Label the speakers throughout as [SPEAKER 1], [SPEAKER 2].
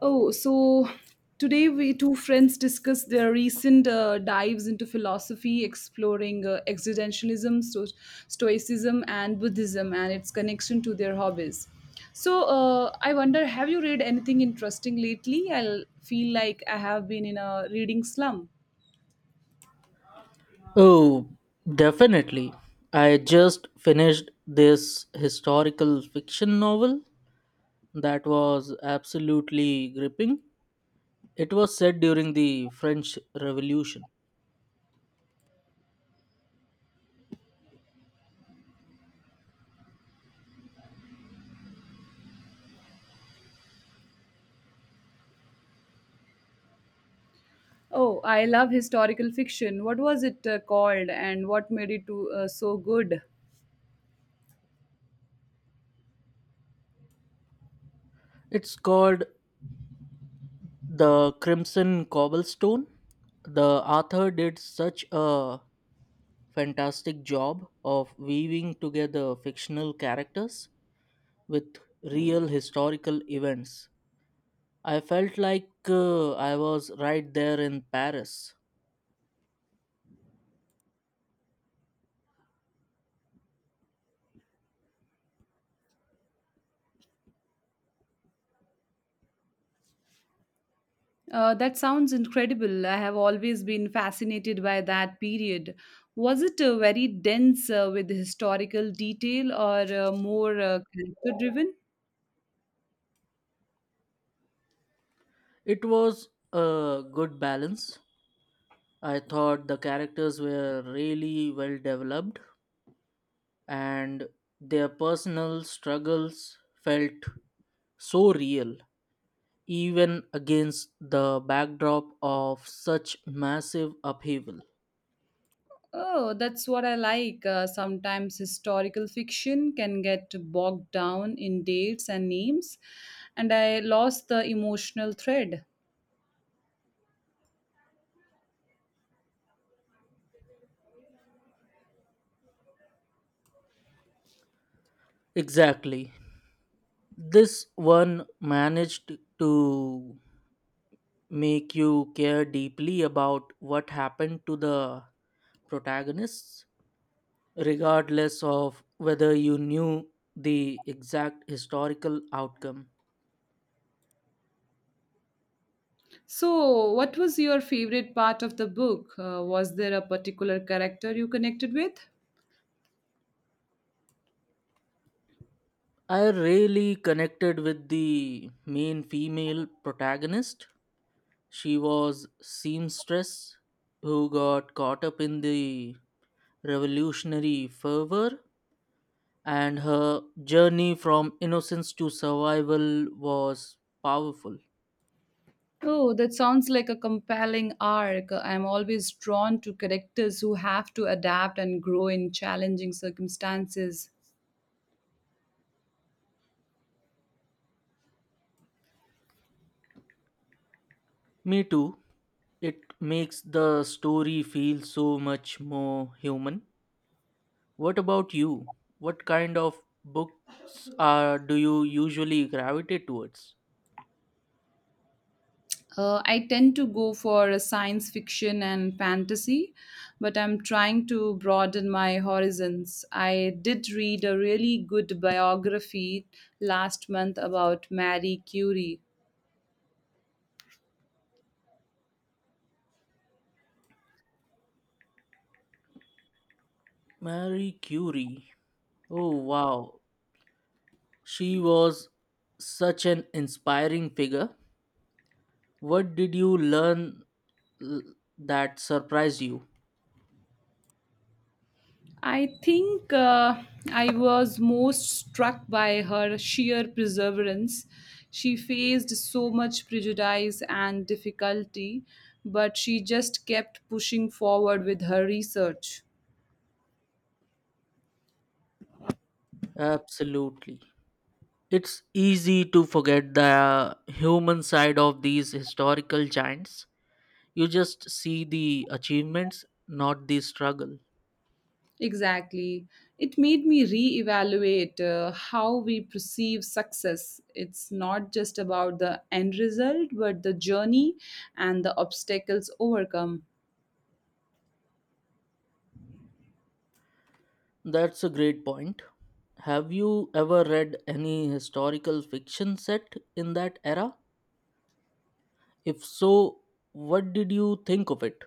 [SPEAKER 1] Oh, so today we two friends discuss their recent dives into philosophy, exploring existentialism, stoicism, and Buddhism and its connection to their hobbies. So, I wonder, have you read anything interesting lately? I feel like I have been in a reading slump.
[SPEAKER 2] Oh, definitely. I just finished this historical fiction novel that was absolutely gripping. It was set during the French Revolution.
[SPEAKER 1] Oh, I love historical fiction. What was it called, and what made it so good?
[SPEAKER 2] It's called The Crimson Cobblestone. The author did such a fantastic job of weaving together fictional characters with real historical events. I felt like I was right there in Paris.
[SPEAKER 1] That sounds incredible. I have always been fascinated by that period. Was it very dense with historical detail or more character driven?
[SPEAKER 2] It was a good balance. I thought the characters were really well developed and their personal struggles felt so real, even against the backdrop of such massive upheaval.
[SPEAKER 1] Oh, that's what I like. Sometimes historical fiction can get bogged down in dates and names, and I lost the emotional thread.
[SPEAKER 2] Exactly. This one managed to make you care deeply about what happened to the protagonists regardless of whether you knew the exact historical outcome.
[SPEAKER 1] So, what was your favorite part of the book? Was there a particular character you connected with?
[SPEAKER 2] I really connected with the main female protagonist. She was seamstress who got caught up in the revolutionary fervor and her journey from innocence to survival was powerful.
[SPEAKER 1] Oh, that sounds like a compelling arc. I'm always drawn to characters who have to adapt and grow in challenging circumstances.
[SPEAKER 2] Me too. It makes the story feel so much more human. What about you? What kind of books are do you usually gravitate towards?
[SPEAKER 1] I tend to go for a science fiction and fantasy, but I'm trying to broaden my horizons. I did read a really good biography last month about Marie Curie.
[SPEAKER 2] Marie Curie. Oh, wow. She was such an inspiring figure. What did you learn uh, that surprised you?
[SPEAKER 1] I think I was most struck by her sheer perseverance. She faced so much prejudice and difficulty, but she just kept pushing forward with her research.
[SPEAKER 2] Absolutely. It's easy to forget the human side of these historical giants. You just see the achievements, not the struggle.
[SPEAKER 1] Exactly. It made me reevaluate how we perceive success. It's not just about the end result, but the journey and the obstacles overcome.
[SPEAKER 2] That's a great point. Have you ever read any historical fiction set in that era? If so, what did you think of it?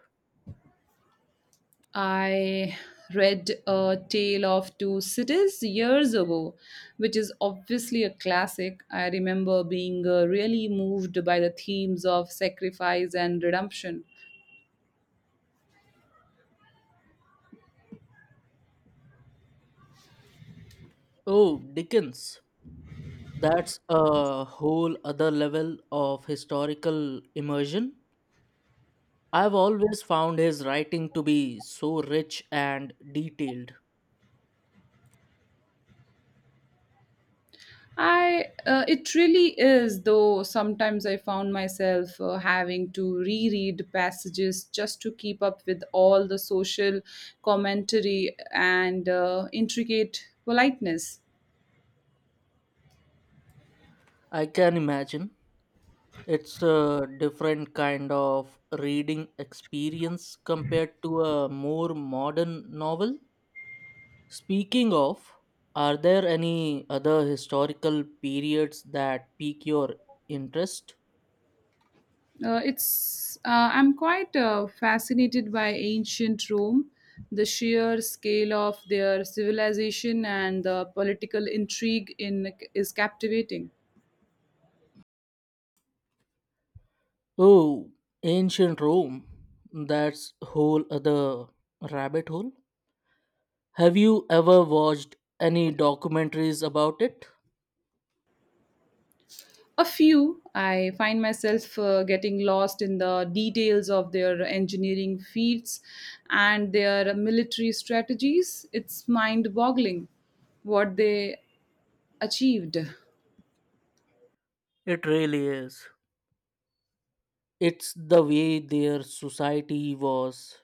[SPEAKER 1] I read A Tale of Two Cities years ago, which is obviously a classic. I remember being really moved by the themes of sacrifice and redemption.
[SPEAKER 2] Oh, Dickens. That's a whole other level of historical immersion. I've always found his writing to be so rich and detailed.
[SPEAKER 1] I It really is, though sometimes I found myself having to reread passages just to keep up with all the social commentary and intricate politeness.
[SPEAKER 2] I can imagine. It's a different kind of reading experience compared to a more modern novel. Speaking of, are there any other historical periods that pique your interest?
[SPEAKER 1] It's I'm quite fascinated by ancient Rome, the sheer scale of their civilization and the political intrigue in is captivating.
[SPEAKER 2] Oh, ancient Rome. That's whole other rabbit hole. Have you ever watched any documentaries about it?
[SPEAKER 1] A few, I find myself getting lost in the details of their engineering feats and their military strategies. It's mind-boggling what they achieved.
[SPEAKER 2] It really is. It's the way their society was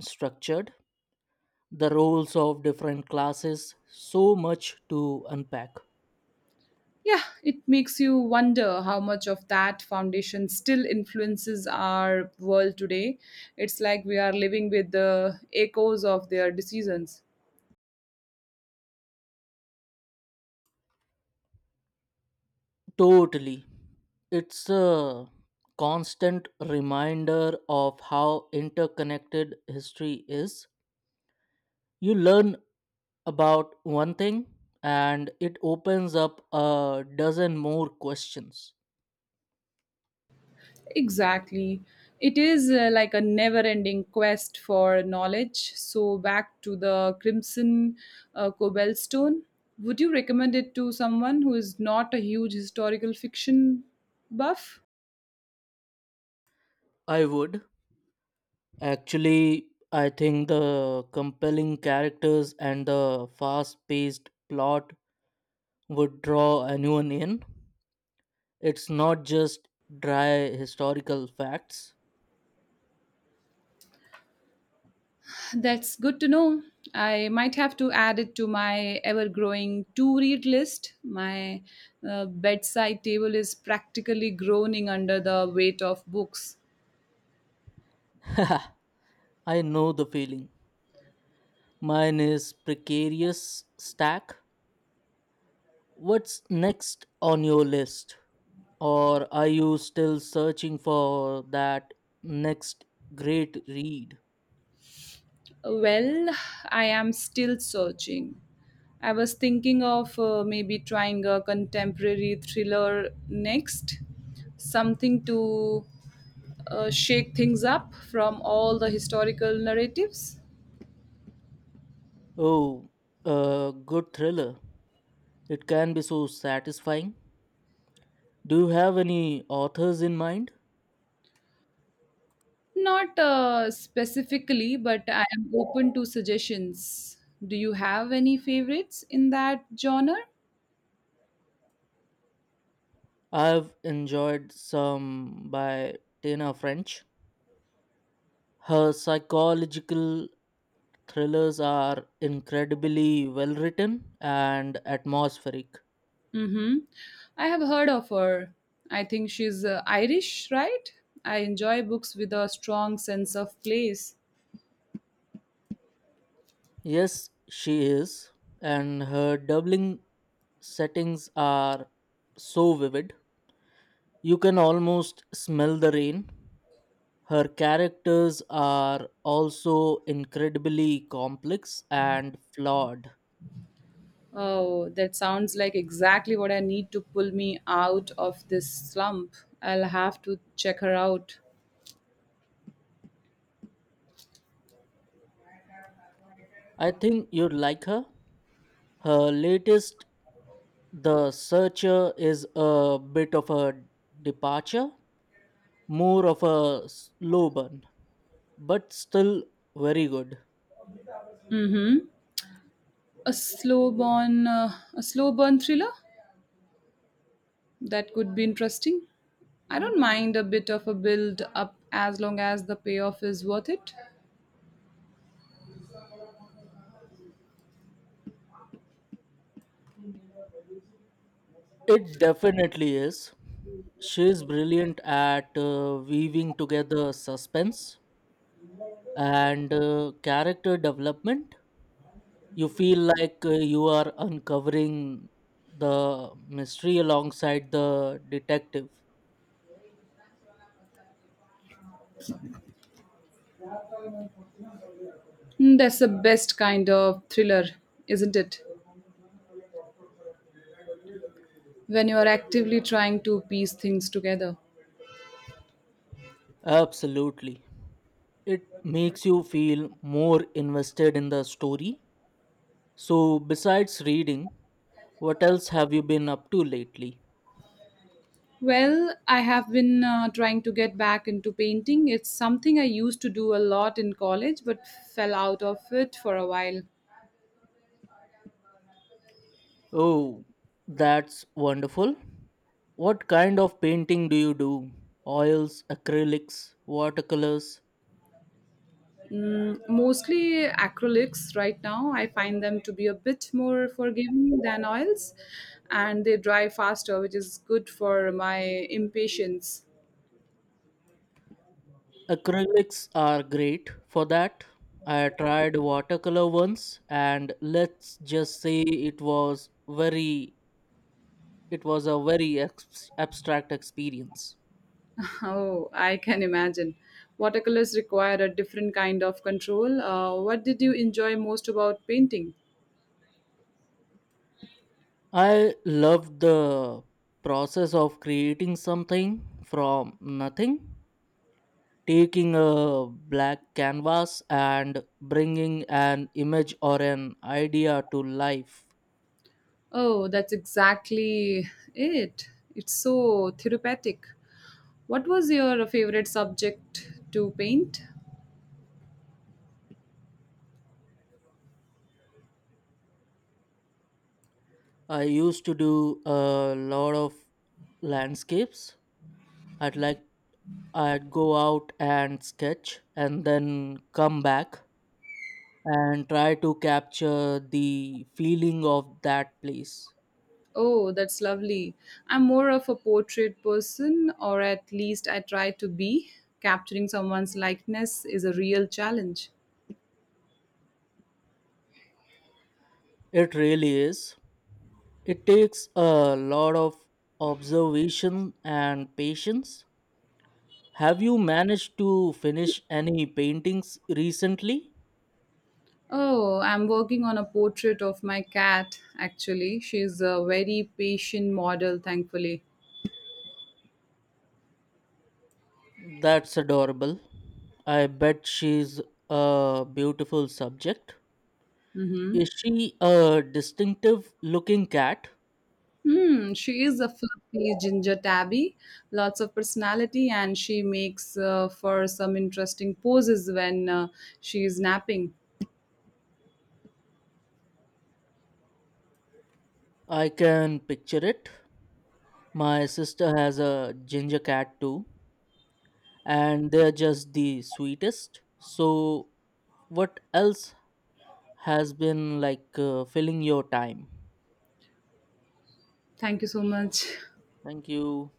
[SPEAKER 2] structured, the roles of different classes, so much to unpack.
[SPEAKER 1] Yeah, it makes you wonder how much of that foundation still influences our world today. It's like we are living with the echoes of their decisions.
[SPEAKER 2] Totally. It's a constant reminder of how interconnected history is. You learn about one thing and it opens up a dozen more questions.
[SPEAKER 1] Exactly. It is like a never ending quest for knowledge. So, back to the Crimson Cobblestone. Would you recommend it to someone who is not a huge historical fiction buff?
[SPEAKER 2] I would. Actually, I think the compelling characters and the fast paced plot would draw anyone in. It's not just dry historical facts.
[SPEAKER 1] That's good to know. I might have to add it to my ever growing to read list. My bedside table is practically groaning under the weight of books.
[SPEAKER 2] I know the feeling. Mine is precarious stack. What's next on your list? Or are you still searching for that next great read?
[SPEAKER 1] Well, I am still searching. I was thinking of maybe trying a contemporary thriller next, something to shake things up from all the historical narratives.
[SPEAKER 2] Oh, a good thriller. It can be so satisfying. Do you have any authors in mind?
[SPEAKER 1] Not specifically, but I am open to suggestions. Do you have any favorites in that genre?
[SPEAKER 2] I've enjoyed some by Tana French. Her psychological thrillers are incredibly well written and atmospheric.
[SPEAKER 1] Mm-hmm. I have heard of her. I think she's Irish, right? I enjoy books with a strong sense of place.
[SPEAKER 2] Yes, she is, and her doubling settings are so vivid. You can almost smell the rain. Her characters are also incredibly complex and flawed.
[SPEAKER 1] Oh, that sounds like exactly what I need to pull me out of this slump. I'll have to check her out.
[SPEAKER 2] I think you'd like her. Her latest, The Searcher, is a bit of a departure, more of a slow burn, but still very good.
[SPEAKER 1] Mm-hmm. A slow burn thriller. That could be interesting. I don't mind a bit of a build up as long as the payoff is worth it.
[SPEAKER 2] It definitely is. She's brilliant at weaving together suspense and character development. You feel like you are uncovering the mystery alongside the detective.
[SPEAKER 1] Mm. That's the best kind of thriller, isn't it? When you are actively trying to piece things together.
[SPEAKER 2] Absolutely. It makes you feel more invested in the story. So, besides reading, what else have you been up to lately?
[SPEAKER 1] Well, I have been trying to get back into painting. It's something I used to do a lot in college but fell out of it for a while.
[SPEAKER 2] Oh, that's wonderful. What kind of painting do you do? Oils, acrylics, watercolors?
[SPEAKER 1] Mm, mostly acrylics right now. I find them to be a bit more forgiving than oils and they dry faster, which is good for my impatience.
[SPEAKER 2] Acrylics are great for that. I tried watercolor once and let's just say it was a very abstract experience.
[SPEAKER 1] Oh, I can imagine. Watercolors require a different kind of control. What did you enjoy most about painting?
[SPEAKER 2] I loved the process of creating something from nothing taking a black canvas and bringing an image or an idea to life.
[SPEAKER 1] Oh, that's exactly it. It's so therapeutic. What was your favorite subject to paint?
[SPEAKER 2] I used to do a lot of landscapes. I'd like I'd go out and sketch and then come back and try to capture the feeling of that place.
[SPEAKER 1] Oh, that's lovely. I'm more of a portrait person, or at least I try to be. Capturing someone's likeness is a real challenge.
[SPEAKER 2] It really is. It takes a lot of observation and patience. Have you managed to finish any paintings recently?
[SPEAKER 1] Oh, I'm working on a portrait of my cat, actually. She's a very patient model, thankfully.
[SPEAKER 2] That's adorable. I bet she's a beautiful subject.
[SPEAKER 1] Mm-hmm.
[SPEAKER 2] Is she a distinctive looking cat?
[SPEAKER 1] Hmm, she is a fluffy ginger tabby, lots of personality, and she makes for some interesting poses when she is napping.
[SPEAKER 2] I can picture it. My sister has a ginger cat too, and they're just the sweetest. So, what else has been like filling your time?
[SPEAKER 1] Thank you so much.
[SPEAKER 2] Thank you.